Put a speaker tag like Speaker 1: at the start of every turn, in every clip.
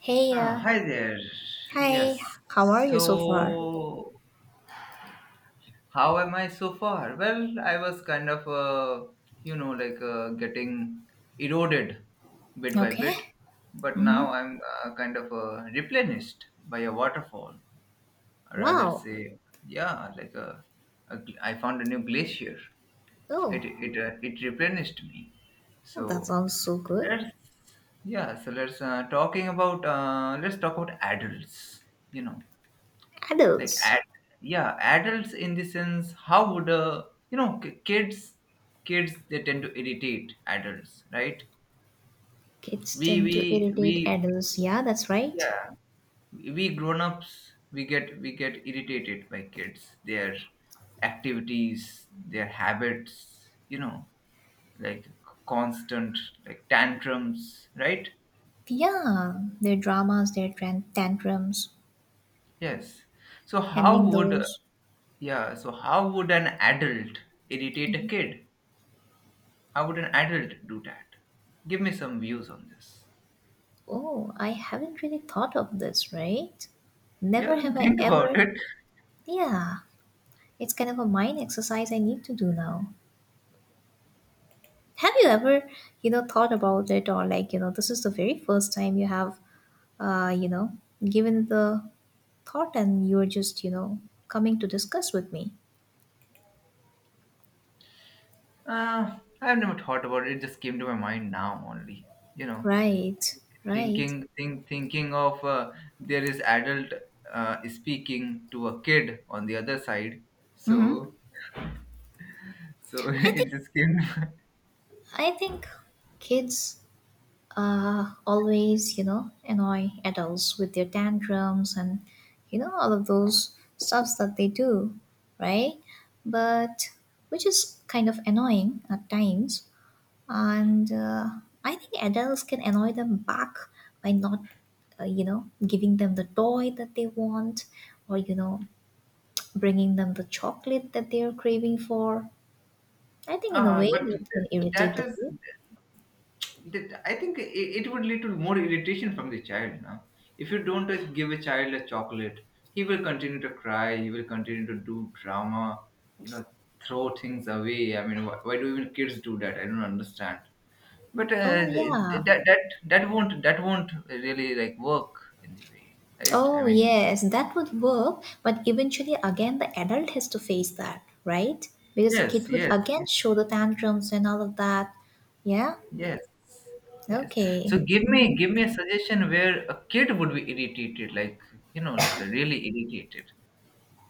Speaker 1: Hey,
Speaker 2: Ah, hi there.
Speaker 1: hi,
Speaker 2: Yes.
Speaker 1: how are you so far?
Speaker 2: So, how am I so far? Well, I was kind of, getting eroded bit by bit,
Speaker 1: Okay.
Speaker 2: but now
Speaker 1: Mm-hmm.
Speaker 2: I'm kind of replenished by a waterfall. I rather
Speaker 1: Wow.
Speaker 2: say, yeah, like a I found a new glacier.
Speaker 1: Oh,
Speaker 2: It it replenished me.
Speaker 1: well, that
Speaker 2: So
Speaker 1: sounds so good.
Speaker 2: let's yeah. So let's talk about adults. You know like
Speaker 1: Adults.
Speaker 2: ad- yeah, adults in the sense, how would you know k- kids kids, they tend to irritate adults, right?
Speaker 1: Kids
Speaker 2: we
Speaker 1: tend to
Speaker 2: we
Speaker 1: irritate
Speaker 2: we
Speaker 1: adults. Yeah, that's right.
Speaker 2: yeah we grown-ups, we get irritated by kids, their activities, their habits, like constant, like tantrums, right?
Speaker 1: Yeah, their dramas, their tantrums,
Speaker 2: Yes. So how
Speaker 1: handling
Speaker 2: would
Speaker 1: those.
Speaker 2: an adult irritate a kid? How would an adult do that? Give me some views on this.
Speaker 1: Oh, I haven't really thought of this, right?
Speaker 2: Yeah,
Speaker 1: Never
Speaker 2: then
Speaker 1: have I
Speaker 2: think about
Speaker 1: ever.
Speaker 2: it.
Speaker 1: Yeah, it's kind of a mind exercise I need to do now. Have you ever, you know, thought about it, or like, you know, this is the very first time you have, you know, given the thought and you're just, you know, coming to discuss with me?
Speaker 2: I've never thought about it. It just came to my mind now only. You know,
Speaker 1: Right,
Speaker 2: think,
Speaker 1: right.
Speaker 2: thinking of there is adult speaking to a kid on the other side.
Speaker 1: Mm-hmm.
Speaker 2: So, so
Speaker 1: I think
Speaker 2: it just came.
Speaker 1: I think kids always, you know, annoy adults with their tantrums and you know all of those stuffs that they do, right? But which is kind of annoying at times. And I think adults can annoy them back by not you know, giving them the toy that they want, or you know, bringing them the chocolate that they're craving for. I think in a way
Speaker 2: But
Speaker 1: that can irritate
Speaker 2: that
Speaker 1: the
Speaker 2: is
Speaker 1: kid.
Speaker 2: that, I think it would lead to more irritation from the child now. If you don't give a child a chocolate, he will continue to cry. He will continue to do drama. You know, throw things away. I mean, why do even kids do that? I don't understand. But
Speaker 1: Oh yeah.
Speaker 2: that won't really like work in the way, right? I
Speaker 1: Oh
Speaker 2: mean,
Speaker 1: yes, that would work, but eventually again the adult has to face that, right? Because the
Speaker 2: yes,
Speaker 1: kid would
Speaker 2: yes,
Speaker 1: again show the tantrums and all of that. Yeah.
Speaker 2: yes, yes.
Speaker 1: Okay.
Speaker 2: So
Speaker 1: Hmm.
Speaker 2: give me a suggestion where a kid would be irritated, like really irritated,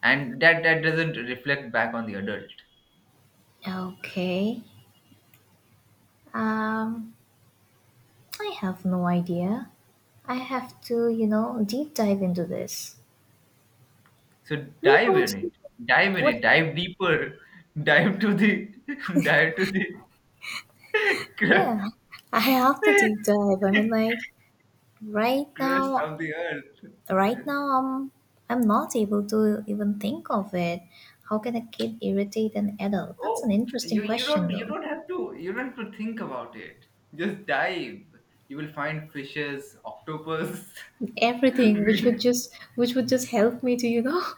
Speaker 2: and that doesn't reflect back on the adult.
Speaker 1: Okay. Um, I have no idea. I have to, you know, deep dive into this.
Speaker 2: So
Speaker 1: What
Speaker 2: dive in
Speaker 1: about you?
Speaker 2: it dive in it,
Speaker 1: What?
Speaker 2: dive deeper. Dive to the dive to the cru-
Speaker 1: Yeah, I have to deep dive. I mean, like right
Speaker 2: crust
Speaker 1: now,
Speaker 2: of the earth, yes.
Speaker 1: I'm not able to even think of it. How can a kid irritate an adult? That's
Speaker 2: Oh,
Speaker 1: an interesting question,
Speaker 2: you
Speaker 1: though.
Speaker 2: don't have to you don't have to think about it. Just dive, you will find fishes, octopus.
Speaker 1: Everything which would just help me to, you know,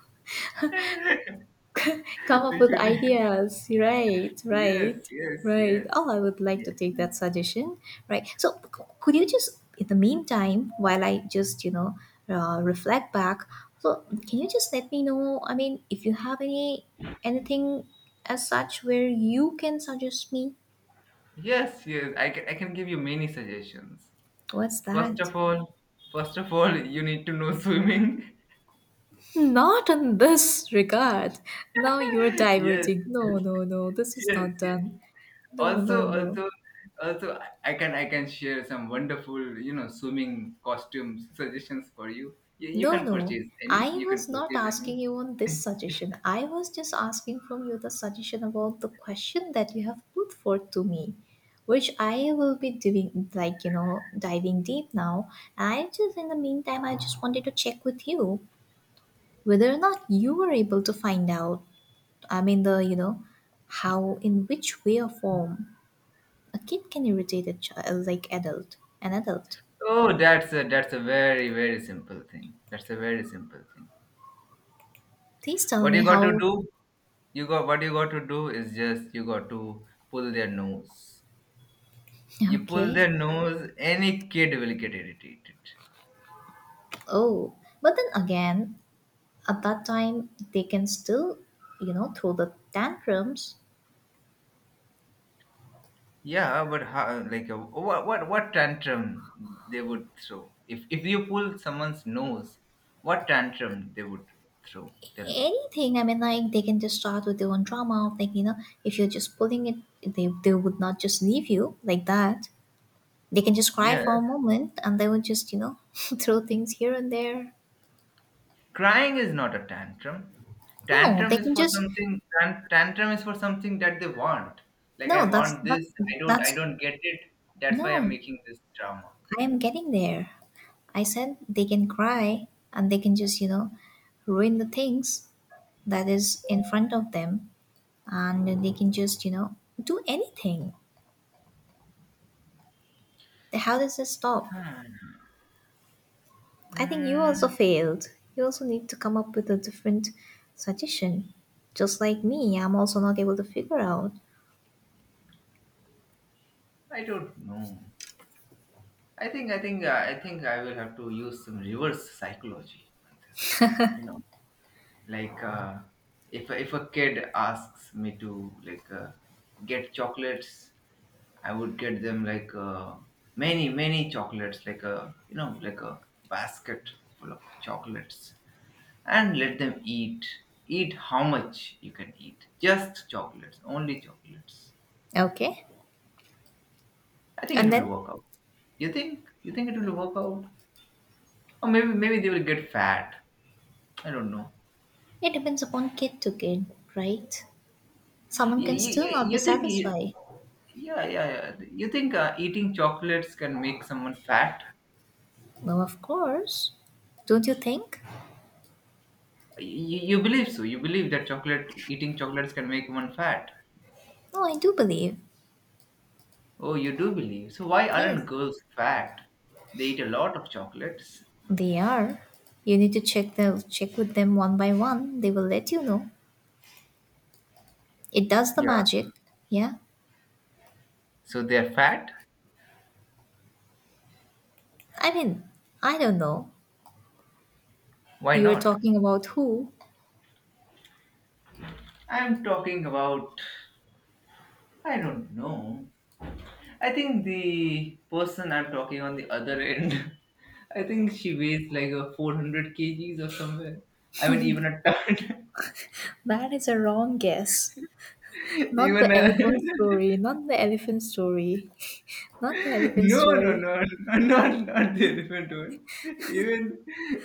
Speaker 1: come up
Speaker 2: We
Speaker 1: with
Speaker 2: should,
Speaker 1: ideas. Right, right, right.
Speaker 2: yes.
Speaker 1: Oh, I would like to
Speaker 2: yes
Speaker 1: take that suggestion. Right. So, could you just, in the meantime, while I just, you know, reflect back, so can you just let me know? I mean, if you have any anything as such where you can suggest me,
Speaker 2: yes, I can give you many suggestions.
Speaker 1: what's
Speaker 2: First
Speaker 1: that?
Speaker 2: of all, First of all, you need to know swimming.
Speaker 1: Not in this regard. Now you're
Speaker 2: yes,
Speaker 1: diverting.
Speaker 2: yes,
Speaker 1: No, no, no. This is not
Speaker 2: yes.
Speaker 1: done. No,
Speaker 2: Also,
Speaker 1: no, no.
Speaker 2: also, Also, I can share some wonderful, you know, swimming costumes suggestions for you. You
Speaker 1: No,
Speaker 2: can
Speaker 1: no.
Speaker 2: purchase any.
Speaker 1: I
Speaker 2: You can
Speaker 1: was not
Speaker 2: purchase any.
Speaker 1: asking you on this suggestion. I was just asking from you the suggestion about the question that you have put forth to me, which I will be doing, like, you know, diving deep now. I just, in the meantime, I just wanted to check with you whether or not you were able to find out, I mean, the, you know, how, in which way or form a kid can irritate a child, like adult, an adult.
Speaker 2: Oh, that's a very simple thing. That's a very simple thing.
Speaker 1: Please tell
Speaker 2: What
Speaker 1: me
Speaker 2: you got to
Speaker 1: how.
Speaker 2: do? You got What you got to do is just you got to pull their nose. You pull
Speaker 1: Okay.
Speaker 2: their nose, any kid will get irritated.
Speaker 1: Oh, but then again, at that time they can still, you know, throw the tantrums.
Speaker 2: Yeah, but how, like what tantrum they would throw if you pull someone's nose? What tantrum they would throw? Tell me.
Speaker 1: Anything. I mean, like they can just start with their own drama of, like, you know, if you're just pulling it, they would not just leave you like that. They can just cry
Speaker 2: Yes,
Speaker 1: for a moment and they would just, you know, throw things here and there.
Speaker 2: crying is not a tantrum.
Speaker 1: No,
Speaker 2: Tantrum
Speaker 1: they
Speaker 2: is
Speaker 1: can
Speaker 2: for
Speaker 1: just
Speaker 2: something. Tantrum is for something that they want. Like I
Speaker 1: no that's
Speaker 2: want
Speaker 1: that,
Speaker 2: this. I don't. I
Speaker 1: that's
Speaker 2: don't get it. That's why I'm
Speaker 1: no,
Speaker 2: making this drama.
Speaker 1: I am getting there. I said they can cry and they can just, you know, ruin the things that is in front of them, and they can just, you know, do anything. How does this stop?
Speaker 2: Hmm.
Speaker 1: I think you also
Speaker 2: Mm,
Speaker 1: failed. You also need to come up with a different suggestion. Just like me, I'm also not able to figure out.
Speaker 2: I don't know. I think I think I will have to use some reverse psychology on this. You know, like if a kid asks me to like get chocolates, I would get them like many, many chocolates, like a, you know, like a basket full of chocolates, and let them eat. Eat how much you can eat, just chocolates, only chocolates.
Speaker 1: Okay,
Speaker 2: I think it
Speaker 1: and
Speaker 2: will
Speaker 1: then
Speaker 2: work out. You think it will work out, or maybe maybe they will get fat. I don't know.
Speaker 1: it depends upon kid to kid, right? Someone can still not be
Speaker 2: You, think?
Speaker 1: satisfied.
Speaker 2: Yeah, yeah, yeah. You think eating chocolates can make someone fat?
Speaker 1: Well, of course. Don't you think?
Speaker 2: You believe so. You believe that chocolate eating chocolates can make one fat.
Speaker 1: No, I do believe.
Speaker 2: Oh, you do believe. So why
Speaker 1: Yes,
Speaker 2: aren't girls fat? They eat a lot of chocolates.
Speaker 1: they are. You need to check the check with them one by one. They will let you know. It does the
Speaker 2: Yeah.
Speaker 1: magic. Yeah.
Speaker 2: So they're fat?
Speaker 1: I mean, I don't know.
Speaker 2: Why
Speaker 1: You were
Speaker 2: not?
Speaker 1: talking about who?
Speaker 2: I'm talking about I don't know. I think the person I'm talking on the other end, I think she weighs like a 400 kgs or somewhere. I mean, even a ton,
Speaker 1: That is a wrong guess. Not
Speaker 2: even
Speaker 1: the
Speaker 2: a
Speaker 1: elephant story, not the elephant
Speaker 2: no,
Speaker 1: story.
Speaker 2: not not the elephant one. Even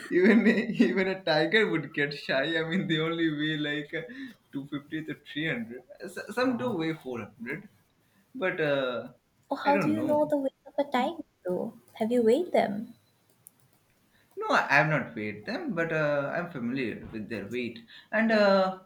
Speaker 2: even Even a tiger would get shy. I mean, they only weigh like 250 to 300. Some do weigh 400, but
Speaker 1: Oh,
Speaker 2: I
Speaker 1: how do
Speaker 2: don't
Speaker 1: you know
Speaker 2: know.
Speaker 1: the weight of a tiger, though? Have you weighed them?
Speaker 2: No, I have not weighed them, but I'm familiar with their weight. And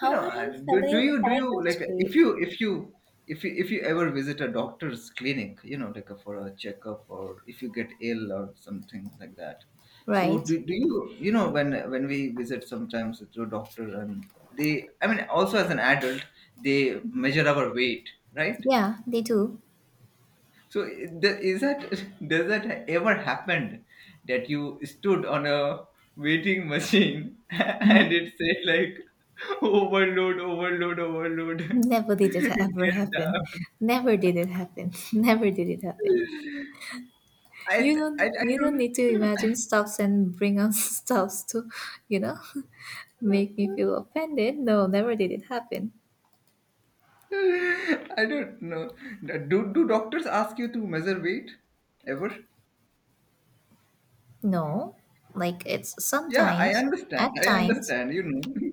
Speaker 2: you know,
Speaker 1: are you
Speaker 2: and do
Speaker 1: familiar with
Speaker 2: you
Speaker 1: tiger's
Speaker 2: if
Speaker 1: weight?
Speaker 2: you if you if you if you ever visit a doctor's clinic, you know, like for a checkup or if you get ill or something like that. So
Speaker 1: Right?
Speaker 2: do you, you know, when we visit sometimes to a doctor, and they, I mean, also as an adult, they measure our weight, right?
Speaker 1: Yeah, they do.
Speaker 2: So is that does that ever happened that you stood on a waiting machine and
Speaker 1: Mhm.
Speaker 2: it said like overload, overload,
Speaker 1: Never did it ever
Speaker 2: get
Speaker 1: happen.
Speaker 2: down.
Speaker 1: Never did it happen. Never did it happen. You
Speaker 2: I
Speaker 1: don't
Speaker 2: don't
Speaker 1: need to imagine stuffs and bring us stuffs to, you know? Make me feel offended? No, never did it happen.
Speaker 2: I don't know. Do, do doctors ask you to measure weight ever?
Speaker 1: No, like it's
Speaker 2: Yeah, I
Speaker 1: sometimes,
Speaker 2: understand.
Speaker 1: at
Speaker 2: I
Speaker 1: times,
Speaker 2: understand. You know.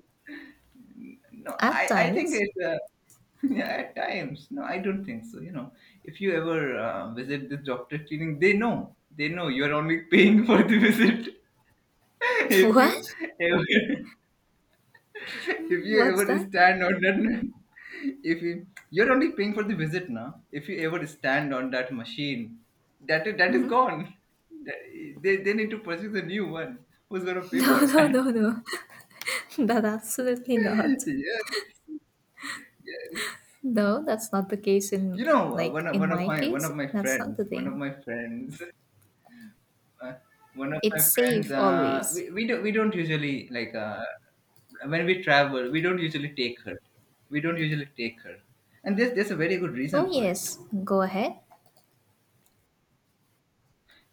Speaker 2: No,
Speaker 1: at
Speaker 2: I think
Speaker 1: times.
Speaker 2: it's yeah, at times. No, I don't think so. You know, if you ever visit this doctor clinic, they know. They know you are only paying for the visit. If
Speaker 1: What?
Speaker 2: you ever, if
Speaker 1: Hmm,
Speaker 2: you
Speaker 1: what's
Speaker 2: ever
Speaker 1: that?
Speaker 2: stand on that, if you, you're only paying for the visit now. If you ever stand on that machine, that is gone. That- they need to purchase a new one. Who's gonna pay
Speaker 1: No,
Speaker 2: for
Speaker 1: no, no,
Speaker 2: that?
Speaker 1: no. That absolutely not.
Speaker 2: yes, yes.
Speaker 1: No, that's not the case
Speaker 2: You
Speaker 1: in
Speaker 2: know,
Speaker 1: like in
Speaker 2: one of
Speaker 1: my
Speaker 2: my
Speaker 1: case. That's not the
Speaker 2: one of
Speaker 1: thing.
Speaker 2: my friends, uh,
Speaker 1: It's safe always.
Speaker 2: We we don't usually like when we travel, we don't usually take her. We don't usually take her, and there's a very good
Speaker 1: Oh,
Speaker 2: reason for it.
Speaker 1: yes, go ahead.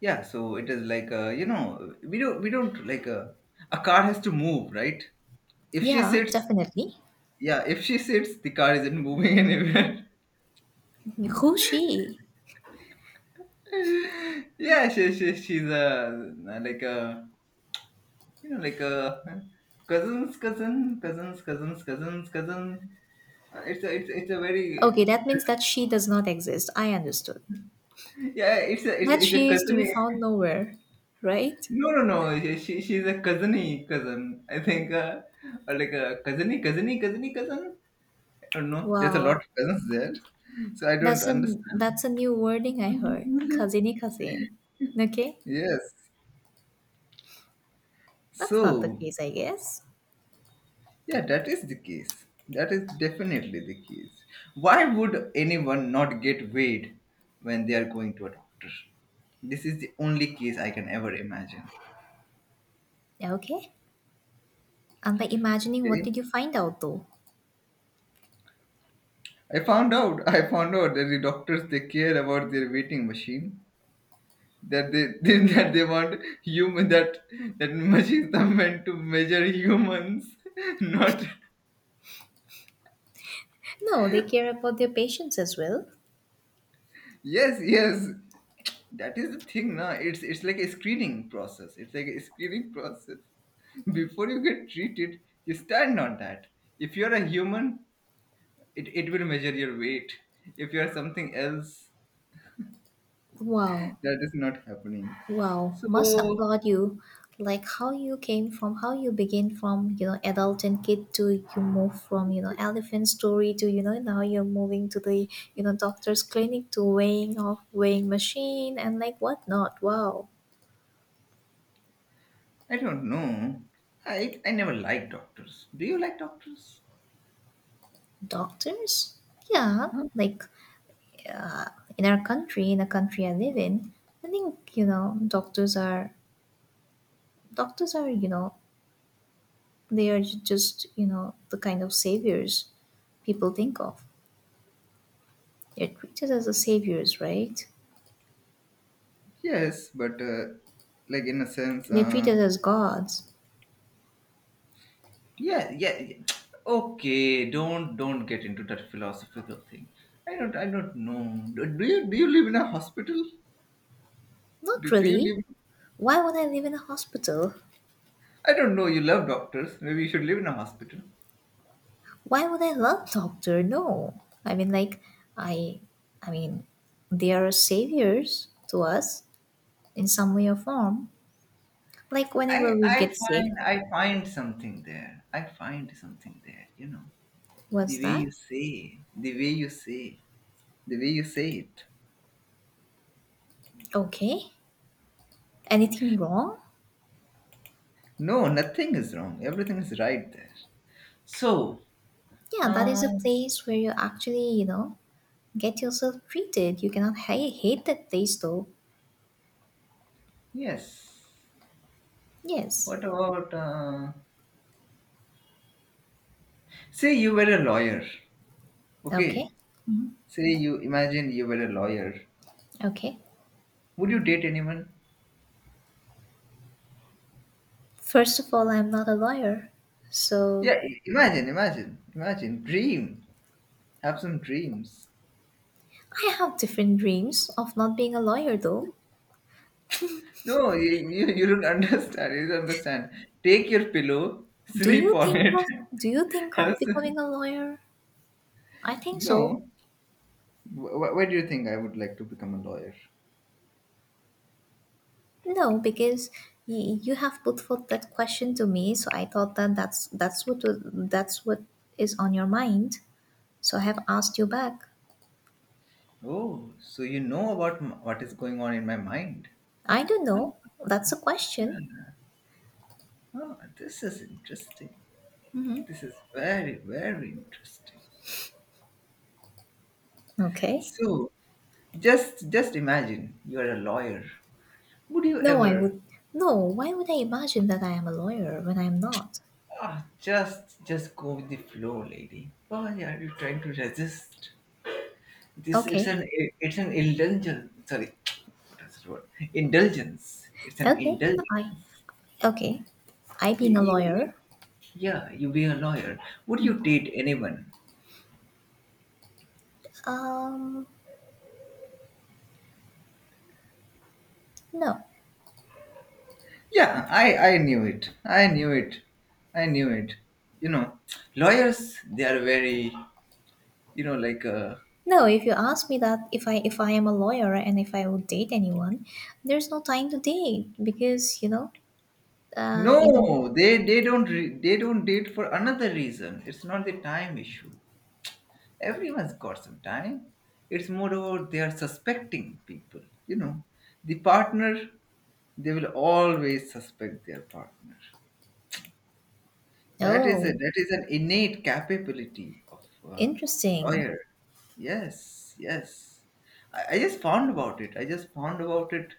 Speaker 2: Yeah, so it is like you know, we don't like a car has to move, right? If she
Speaker 1: Yeah,
Speaker 2: sits,
Speaker 1: definitely.
Speaker 2: yeah, if she sits, the car isn't moving anywhere.
Speaker 1: Who she?
Speaker 2: Yeah, she's a, like a, you know, like cousins, cousin, cousins, cousins, cousins, cousin. It's a very,
Speaker 1: Okay, that means that she does not exist. I understood.
Speaker 2: yeah.
Speaker 1: That
Speaker 2: It's a
Speaker 1: she is to be
Speaker 2: cousin.
Speaker 1: found nowhere, right?
Speaker 2: No, No. She's a cousiny cousin. I think or like a cousin. I don't know. There's a lot of
Speaker 1: Wow,
Speaker 2: cousins there, so I don't
Speaker 1: that's a
Speaker 2: understand.
Speaker 1: new wording I heard. Kazini kazin. Okay,
Speaker 2: Yes.
Speaker 1: that's not the
Speaker 2: So
Speaker 1: case, I guess.
Speaker 2: yeah, that is the case. That is definitely the case. Why would anyone not get weighed when they are going to a doctor? This is the only case I can ever imagine.
Speaker 1: Yeah, okay, and by imagining, what
Speaker 2: Okay.
Speaker 1: did you find out though?
Speaker 2: I found out. I found out that the doctors, they care about their weighing machine. That they, they, that they want human, that that machines are meant to measure humans, not
Speaker 1: No, they care about their patients as well.
Speaker 2: yes, that is the thing na. It's like a screening process. It's like a screening process, before you get treated, you stand on that. If you're a human, it will measure your weight. If you're something else,
Speaker 1: Wow,
Speaker 2: that is not happening.
Speaker 1: wow,
Speaker 2: So
Speaker 1: must applaud you. Like how you came from, how you begin from, you know, adult and kid, to you move from, you know, elephant story to, you know, now you're moving to the, you know, doctor's clinic to weighing off weighing machine and like whatnot. Wow.
Speaker 2: I don't know. I never like doctors. Do you like doctors,
Speaker 1: Doctors? Yeah,
Speaker 2: huh?
Speaker 1: like uh, in our country, in the country I live in, I think you know doctors are you know, they are just, you know, the kind of saviors people think of. They're treated as the saviors, right?
Speaker 2: Yes, but like in a sense
Speaker 1: They're treated as gods.
Speaker 2: yeah, Okay, don't get into that philosophical thing. I don't know. Do you do you live in a hospital?
Speaker 1: Not
Speaker 2: Do you
Speaker 1: really.
Speaker 2: live?
Speaker 1: Why would I live in a hospital?
Speaker 2: I don't know. You love doctors. Maybe you should live in a hospital.
Speaker 1: Why would I love doctor? No. I mean, like I I mean they are saviors to us in some way or form. Like whenever we get sick,
Speaker 2: I find something there. I find something there. You know,
Speaker 1: what's
Speaker 2: the way
Speaker 1: that?
Speaker 2: you say, the way you say, the way you say it.
Speaker 1: Okay. Anything wrong?
Speaker 2: No, nothing is wrong. Everything is right there. So,
Speaker 1: Yeah, that is
Speaker 2: uh,
Speaker 1: a place where you actually, you know, get yourself treated. You cannot hate that place though.
Speaker 2: yes.
Speaker 1: Yes.
Speaker 2: What about? Say you were a lawyer. Okay,
Speaker 1: Okay.
Speaker 2: say you imagine you were a lawyer.
Speaker 1: Okay.
Speaker 2: Would you date anyone?
Speaker 1: First of all, I'm not a lawyer.
Speaker 2: Yeah,
Speaker 1: So
Speaker 2: imagine, imagine. Dream. Have some dreams.
Speaker 1: I have different dreams of not being a lawyer though.
Speaker 2: No, you don't understand. You don't understand. Take your pillow,
Speaker 1: Do
Speaker 2: sleep
Speaker 1: you
Speaker 2: on
Speaker 1: think
Speaker 2: it.
Speaker 1: of do you think of
Speaker 2: Have some...
Speaker 1: becoming a lawyer? I think so.
Speaker 2: No. Why do you think I would like to become a lawyer?
Speaker 1: No, because you have put forth that question to me, so I thought that that's what is on your mind. So I have asked you back.
Speaker 2: Oh, so you know about what is going on in my mind.
Speaker 1: I don't
Speaker 2: Oh,
Speaker 1: know. That's a question.
Speaker 2: oh, this is interesting. This is very, very interesting.
Speaker 1: Okay.
Speaker 2: So, just imagine you're a lawyer. Would you
Speaker 1: No, I
Speaker 2: ever,
Speaker 1: would. No, why would I imagine that I am a lawyer when I'm not?
Speaker 2: ah, just go with the flow, lady? Why are you trying to resist? This it's
Speaker 1: Okay.
Speaker 2: an It's an indulgence. Sorry, what is the word? Indulgence. It's an
Speaker 1: Okay.
Speaker 2: indulgence.
Speaker 1: I. Okay. I being a
Speaker 2: You,
Speaker 1: lawyer.
Speaker 2: yeah, you be a lawyer. Would you date anyone?
Speaker 1: Um. No.
Speaker 2: Yeah, I knew it. I knew it. I knew it. You know, lawyers, they are very, you know, like
Speaker 1: No, if you ask me that if I am a lawyer and if I would date anyone, there's no time to date because you know you know.
Speaker 2: no, they don't re- they don't date for another reason. It's not the time issue. Everyone's got some time. It's more about they are suspecting people. You know, the partner they will always suspect their partner. That is
Speaker 1: Oh,
Speaker 2: an innate capability of a
Speaker 1: interesting.
Speaker 2: lawyer. Yes, yes. I just found about it. I just found about it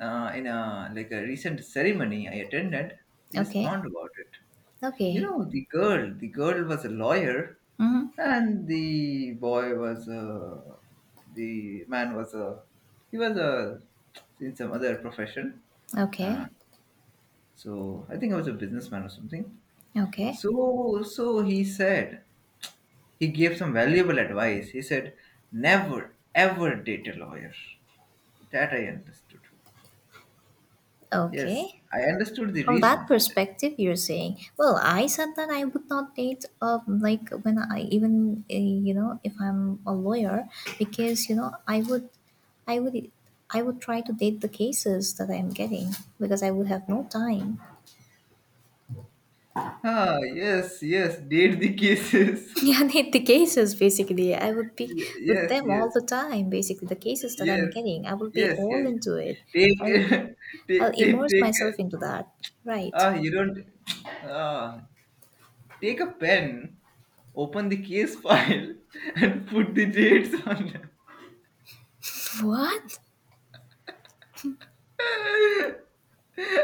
Speaker 2: in a recent ceremony I attended. I just
Speaker 1: Okay.
Speaker 2: found about it. You
Speaker 1: Okay.
Speaker 2: know, the girl was a lawyer,
Speaker 1: Mm-hmm.
Speaker 2: and the man was a, he was a, in some other profession. Uh,
Speaker 1: Okay.
Speaker 2: so I think I was a businessman or something.
Speaker 1: Okay.
Speaker 2: So he gave some valuable advice. He said, never, ever date a lawyer. That I understood. Yes,
Speaker 1: Okay.
Speaker 2: I understood the
Speaker 1: From that
Speaker 2: reasons.
Speaker 1: perspective, you're saying, well, I said that I would not date, like when I even, you know, if I'm a lawyer, because you know, I would, I would try to date the cases that I'm getting because I would have no time.
Speaker 2: Ah, yes, yes, date the cases.
Speaker 1: Yeah, need the cases basically. I would be with
Speaker 2: Yes,
Speaker 1: them all
Speaker 2: yes.
Speaker 1: the time. Basically, the cases that I'm
Speaker 2: Yes,
Speaker 1: getting, I will be
Speaker 2: yes,
Speaker 1: all
Speaker 2: yes.
Speaker 1: into it.
Speaker 2: Take,
Speaker 1: I'll, I'll immerse
Speaker 2: take.
Speaker 1: myself into that. Right.
Speaker 2: Ah, you don't. Ah, take a pen, open the case file, and put the dates on them.
Speaker 1: What?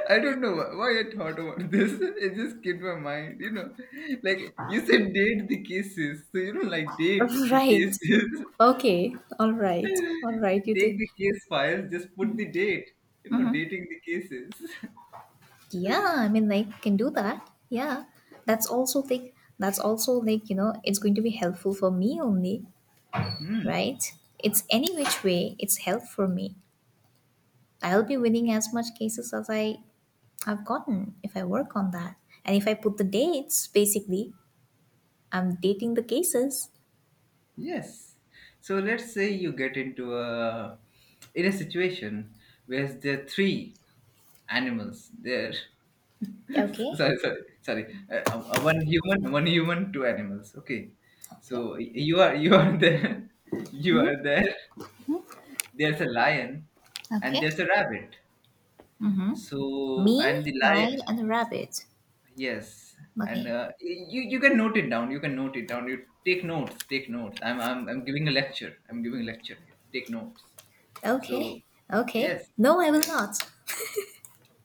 Speaker 2: I don't know why I thought about this. It just came to my mind, you know. Like you said, date the cases, so you know, like date the
Speaker 1: Right.
Speaker 2: cases.
Speaker 1: Okay. All right, all right. You
Speaker 2: Take
Speaker 1: do.
Speaker 2: the case files, just put the date. You know, dating the cases.
Speaker 1: Yeah. I mean, like, you can do that. Yeah. That's also like. That's also like, you know. It's going to be helpful for me only.
Speaker 2: Hmm.
Speaker 1: Right. It's any which way. It's help for me. I'll be winning as much cases as I I've gotten if I work on that. And if I put the dates, basically, I'm dating the cases.
Speaker 2: Yes. So let's say you get into a in a situation where there are three animals there.
Speaker 1: Okay.
Speaker 2: Sorry. One human, two animals. Okay.
Speaker 1: Okay.
Speaker 2: So you are there. You are
Speaker 1: Mm-hmm.
Speaker 2: there. There's a lion, and
Speaker 1: Okay.
Speaker 2: there's a rabbit.
Speaker 1: Mm-hmm.
Speaker 2: So
Speaker 1: Me,
Speaker 2: and the
Speaker 1: lion,
Speaker 2: lion,
Speaker 1: and the rabbit.
Speaker 2: yes, and
Speaker 1: Okay.
Speaker 2: you can note it down. You can note it down. You take notes. Take notes. I'm giving a lecture. I'm giving a lecture. Here. Take notes. So
Speaker 1: Okay. Okay.
Speaker 2: yes,
Speaker 1: No, I will
Speaker 2: yes,
Speaker 1: not.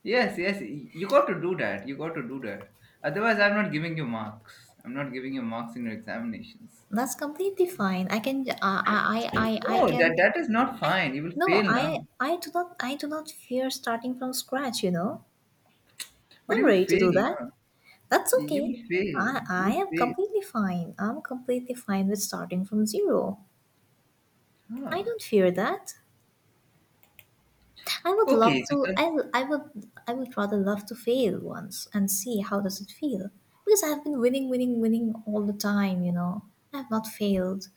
Speaker 2: yes. You got to do that. You got to do that. Otherwise, I'm not giving you marks. I'm not giving you marks in your examinations.
Speaker 1: That's completely fine. I can. I
Speaker 2: No, that
Speaker 1: can.
Speaker 2: that is not
Speaker 1: I.
Speaker 2: fine. You will
Speaker 1: No.
Speaker 2: fail now.
Speaker 1: I. I do not. I do not fear starting from scratch. You know.
Speaker 2: But
Speaker 1: I'm
Speaker 2: you will
Speaker 1: ready to
Speaker 2: fail
Speaker 1: do that.
Speaker 2: now.
Speaker 1: That's
Speaker 2: You
Speaker 1: okay.
Speaker 2: will fail. You
Speaker 1: I
Speaker 2: will
Speaker 1: am
Speaker 2: fail.
Speaker 1: completely fine. I'm completely fine with starting from zero. I
Speaker 2: Ah.
Speaker 1: don't fear that. I would love
Speaker 2: Okay. So
Speaker 1: to.
Speaker 2: con-
Speaker 1: I would rather love to fail once and see how does it feel. Because I have been winning, all the time. You know, I have not failed.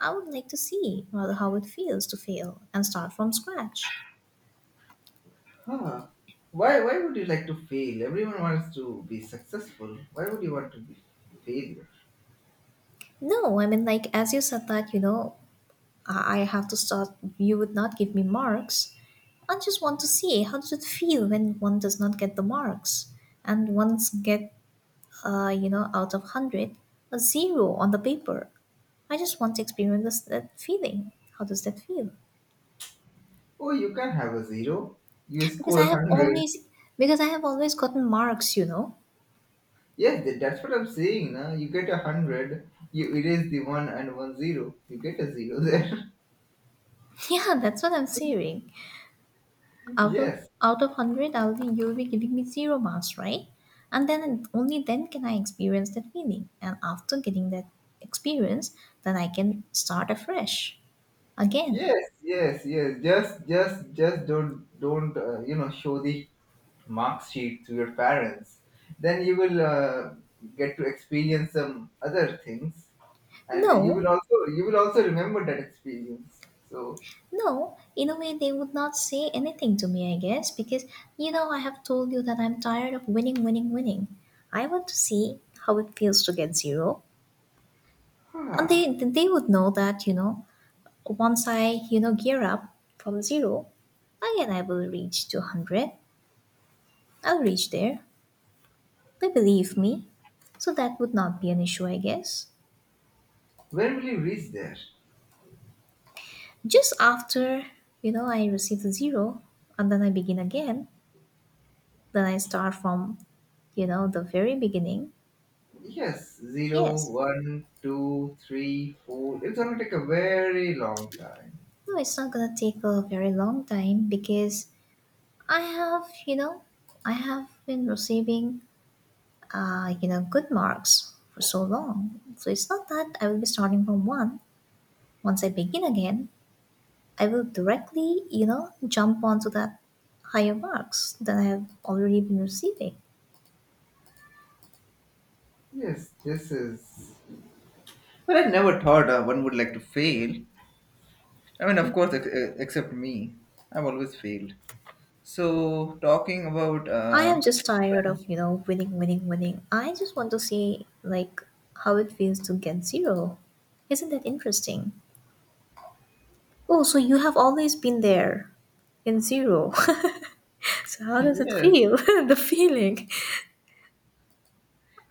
Speaker 1: I would like to see rather how it feels to fail and start from scratch.
Speaker 2: huh. Why would you like to fail? Everyone wants to be successful. Why would you want to be failure?
Speaker 1: No, I mean like as you said that you know I have to start. You would not give me marks. I just want to see how does it feel when one does not get the marks and once get you know, out of 100, a zero on the paper. I just want to experience this, that feeling. How does that feel?
Speaker 2: Oh, you can have a zero. You
Speaker 1: Because I
Speaker 2: score a
Speaker 1: have
Speaker 2: hundred.
Speaker 1: always, because I have always gotten marks, you know.
Speaker 2: Yes, that's what I'm saying. Now you get 100, you erase the 1 and 1 0, you get a zero there.
Speaker 1: Yeah, that's what I'm saying. Out of
Speaker 2: yes,
Speaker 1: 100, I'll be, you'll be giving me zero marks, right? And then only then can I experience that feeling. And after getting that experience, then I can start afresh again.
Speaker 2: yes. Just don't, you know, show the mark sheet to your parents. Then you will get to experience some other things, and
Speaker 1: No,
Speaker 2: you will also remember that experience. So,
Speaker 1: no, in a way, they would not say anything to me, I guess, because you know, I have told you that I'm tired of winning, winning, winning. I want to see how it feels to get zero. And they,
Speaker 2: ah,
Speaker 1: they would know that, you know, once I, gear up from zero, again I will reach to 100. I'll reach there. They believe me. So that would not be an issue, I guess.
Speaker 2: when will you reach there?
Speaker 1: Just after, I receive the zero and then I begin again, then I start from, the very beginning.
Speaker 2: Yes, zero,
Speaker 1: Yes.
Speaker 2: one, two, three, four. It's gonna take a very long time.
Speaker 1: No, it's not gonna take a very long time because I have, you know, I have been receiving, good marks for so long. So it's not that I will be starting from one. Once I begin again, I will directly, jump onto that higher marks that I have already been receiving.
Speaker 2: Yes, this is. But I never thought one would like to fail. I mean, of course, except me. I've always failed. So, talking about.
Speaker 1: I am just tired of, winning, winning, winning. I just want to see, like, how it feels to get zero. Isn't that interesting? Oh, so you have always been there in zero. So how does it
Speaker 2: Yes,
Speaker 1: feel? The feeling.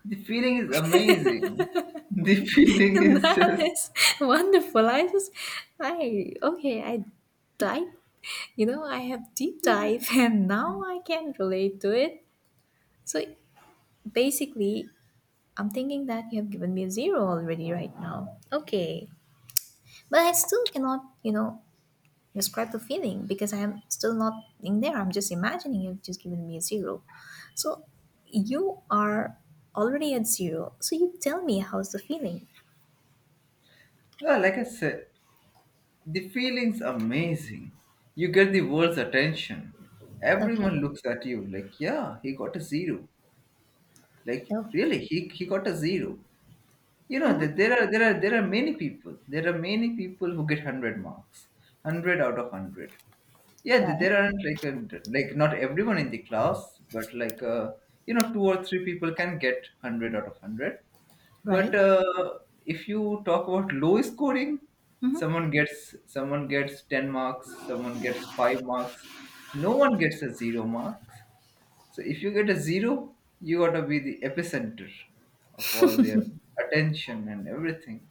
Speaker 2: the feeling is amazing. The feeling is
Speaker 1: That
Speaker 2: just.
Speaker 1: is wonderful. I just I okay, I dive I have deep dive and now I can relate to it. So basically I'm thinking that you have given me a zero already right now. Okay. But I still cannot, describe the feeling because I am still not in there. I'm just imagining you've just given me a zero. So you are already at zero. So you tell me how's the feeling.
Speaker 2: Like I said, the feeling's amazing. You get the world's attention.
Speaker 1: Okay.
Speaker 2: Everyone looks at you like, yeah, he got a zero. Like
Speaker 1: Oh,
Speaker 2: really, he got a zero. You know that
Speaker 1: hmm,
Speaker 2: there are many people. There are many people who get 100 marks, 100 out of 100. Yeah,
Speaker 1: right.
Speaker 2: there aren't like a, like not everyone in the class, but like you know two or three people can get 100 out of 100. But
Speaker 1: Right.
Speaker 2: if you talk about low scoring,
Speaker 1: hmm
Speaker 2: someone gets 10 marks, someone gets five marks. No one gets a zero marks. So if you get a zero, you gotta be the epicenter of all their attention and everything.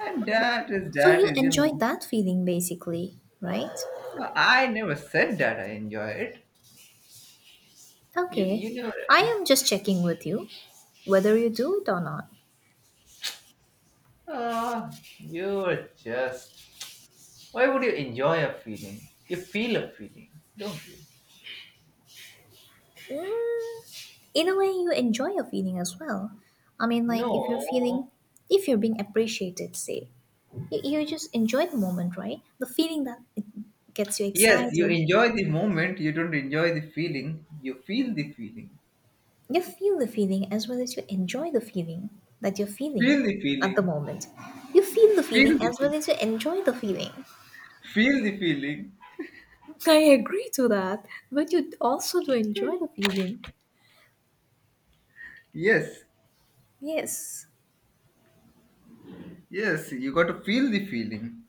Speaker 2: And
Speaker 1: So
Speaker 2: that
Speaker 1: you
Speaker 2: is, you
Speaker 1: enjoyed
Speaker 2: know.
Speaker 1: that feeling basically, right?
Speaker 2: No, I never said that I enjoy it. You
Speaker 1: Okay.
Speaker 2: you
Speaker 1: I
Speaker 2: never.
Speaker 1: am just checking with you whether you do it or not.
Speaker 2: Uh, you're just. Why would you enjoy a feeling? You feel a feeling, don't you?
Speaker 1: Mm, in a way, you enjoy your feeling as well. I mean, like
Speaker 2: No.
Speaker 1: if you're being appreciated, say, you just enjoy the moment, right? The feeling that it gets you
Speaker 2: Yes, you
Speaker 1: excited.
Speaker 2: enjoy the moment. You don't enjoy the feeling. You feel the feeling.
Speaker 1: You feel the feeling as well as you enjoy the feeling that you're feeling
Speaker 2: Feel the
Speaker 1: at the
Speaker 2: feeling.
Speaker 1: moment. You feel the feeling
Speaker 2: Feel the
Speaker 1: as well
Speaker 2: feel,
Speaker 1: as you enjoy the feeling.
Speaker 2: feel the feeling.
Speaker 1: I agree to that, but you also do enjoy the feeling.
Speaker 2: Yes,
Speaker 1: Yes,
Speaker 2: yes, you got to feel the feeling.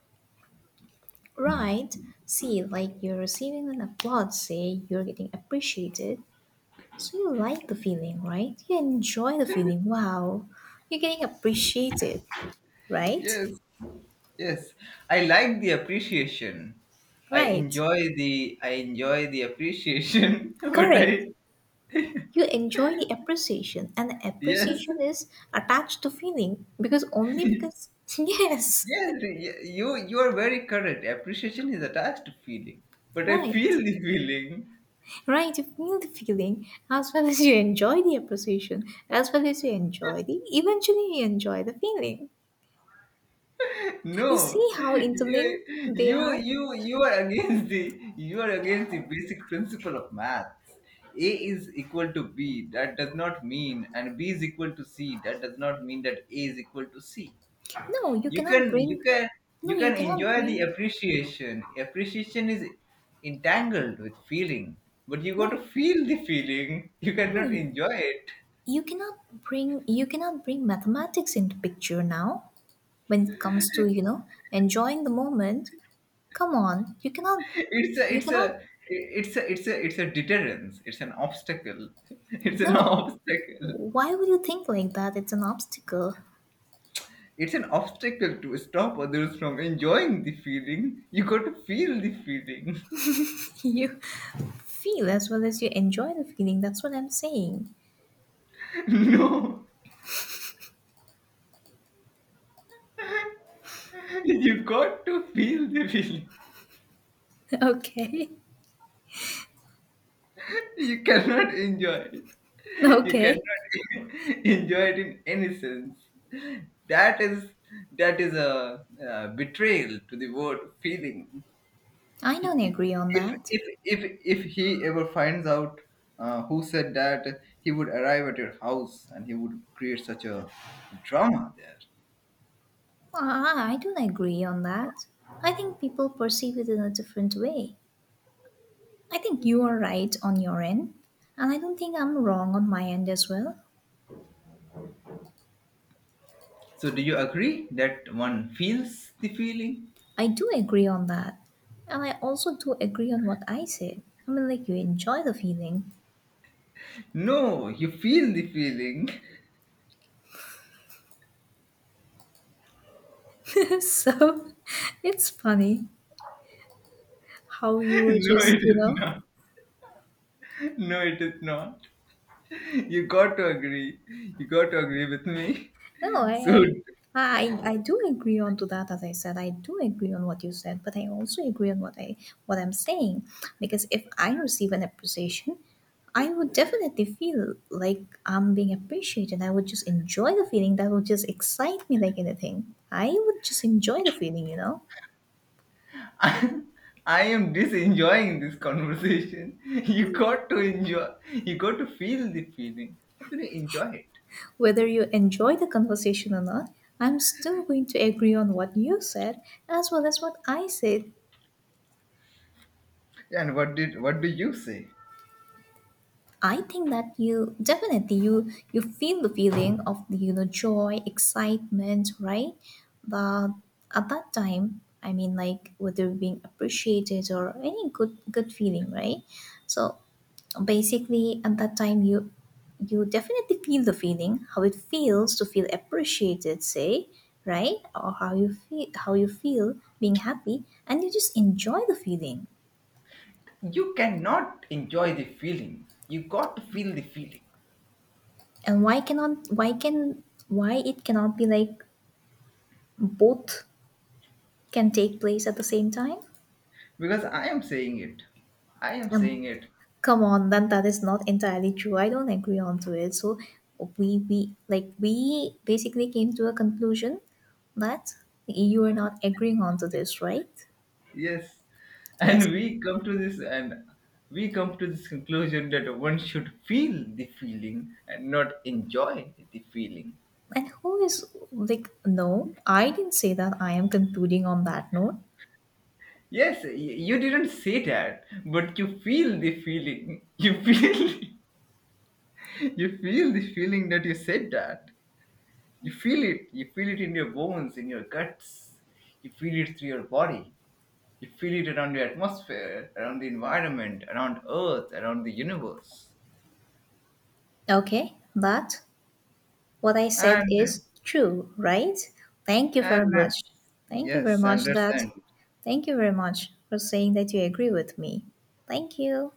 Speaker 1: right. See, like you're receiving an applause, say you're getting appreciated. So you like the feeling, right? You enjoy the feeling. Wow, you're getting appreciated, right?
Speaker 2: Yes, yes. I like the appreciation.
Speaker 1: Right.
Speaker 2: I enjoy the appreciation, but
Speaker 1: Correct.
Speaker 2: I
Speaker 1: You enjoy the appreciation, and the
Speaker 2: yes,
Speaker 1: appreciation is attached to feeling because only because, yes,
Speaker 2: yes. You are very correct. Appreciation is attached to feeling, but I feel
Speaker 1: right,
Speaker 2: the feeling.
Speaker 1: right. You feel the feeling as well as you enjoy the appreciation, as well as eventually, you enjoy the feeling. You see
Speaker 2: No,
Speaker 1: how interlinked they are?
Speaker 2: you are against the you are against the basic principle of maths. A is equal to B. That does not mean, and B is equal to C. That does not mean that A is equal to C.
Speaker 1: No, you
Speaker 2: You
Speaker 1: cannot
Speaker 2: can you
Speaker 1: bring,
Speaker 2: can
Speaker 1: no,
Speaker 2: you
Speaker 1: you
Speaker 2: can
Speaker 1: cannot
Speaker 2: enjoy the
Speaker 1: bring,
Speaker 2: appreciation. Appreciation is entangled with feeling, but you got to
Speaker 1: no,
Speaker 2: feel the feeling. You cannot
Speaker 1: no,
Speaker 2: enjoy it.
Speaker 1: you cannot bring mathematics into picture now when it comes to you know enjoying the moment. Come on, you cannot,
Speaker 2: it's a
Speaker 1: you
Speaker 2: it's a
Speaker 1: cannot.
Speaker 2: it's a it's a deterrence, it's an obstacle. it's an
Speaker 1: No,
Speaker 2: obstacle
Speaker 1: why would you think like that? It's an obstacle.
Speaker 2: it's an obstacle to stop others from enjoying the feeling. You got to feel the feeling.
Speaker 1: You feel as well as you enjoy the feeling. That's what I'm saying.
Speaker 2: No, you got to feel the feeling.
Speaker 1: Okay,
Speaker 2: You cannot enjoy it. You
Speaker 1: okay.
Speaker 2: cannot enjoy it in any sense. That is a, betrayal to the word feeling.
Speaker 1: I
Speaker 2: he
Speaker 1: don't
Speaker 2: i-
Speaker 1: agree on
Speaker 2: if
Speaker 1: that.
Speaker 2: if if if he ever finds out who said that, he would arrive at your house and he would create such a drama there.
Speaker 1: Ah, I don't agree on that. I think people perceive it in a different way. I think you are right on your end, and I don't think I'm wrong on my end as well.
Speaker 2: So do you agree that one feels the feeling?
Speaker 1: I do agree on that. And I also do agree on what I said. I mean, like, you enjoy the feeling.
Speaker 2: No, you feel the feeling.
Speaker 1: So it's funny how you were
Speaker 2: No
Speaker 1: just
Speaker 2: it
Speaker 1: you
Speaker 2: is
Speaker 1: know
Speaker 2: not. no it is not you got to agree. You got to agree with me.
Speaker 1: No,
Speaker 2: So
Speaker 1: I do agree on to that as I said, I do agree on what you said but I also agree on what I'm saying because if I receive an appreciation I would definitely feel like I'm being appreciated. I would just enjoy the feeling that would just excite me like anything. I would just enjoy the feeling.
Speaker 2: I, I am disenjoying this conversation. You got to enjoy. You got to feel the feeling. How can you enjoy it?
Speaker 1: Whether you enjoy the conversation or not, I'm still going to agree on what you said as well as what I said.
Speaker 2: And what do you say?
Speaker 1: I think that you definitely you feel the feeling of the joy, excitement, right? But at that time, I mean, like whether being appreciated or any good feeling, right? So basically, at that time, you definitely feel the feeling how it feels to feel appreciated, say, right? Or how you feel being happy, and you just enjoy the feeling.
Speaker 2: You cannot enjoy the feeling. You got to feel the feeling
Speaker 1: And why it cannot be like both can take place at the same time.
Speaker 2: because I am saying it. I am
Speaker 1: And
Speaker 2: saying it.
Speaker 1: come on, then that is not entirely true. I don't agree on to it. So we like we basically came to a conclusion that you are not agreeing on to this, right?
Speaker 2: Yes,
Speaker 1: Yes.
Speaker 2: and we come to this and we come to this conclusion that one should feel the feeling and not enjoy the feeling.
Speaker 1: And who is like, no, I didn't say that. I am concluding on that note.
Speaker 2: Yes, you didn't say that, but you feel the feeling. You feel, you feel the feeling that you said that. You feel it. You feel it in your bones, in your guts. You feel it through your body. You feel it around your atmosphere, around the environment, around Earth, around the universe.
Speaker 1: Okay. that What I said
Speaker 2: And
Speaker 1: is true, right? Thank you
Speaker 2: and
Speaker 1: very much.
Speaker 2: let's
Speaker 1: Thank you very
Speaker 2: yes, and
Speaker 1: much
Speaker 2: let's
Speaker 1: that.
Speaker 2: end.
Speaker 1: Thank you very much for saying that you agree with me. Thank you.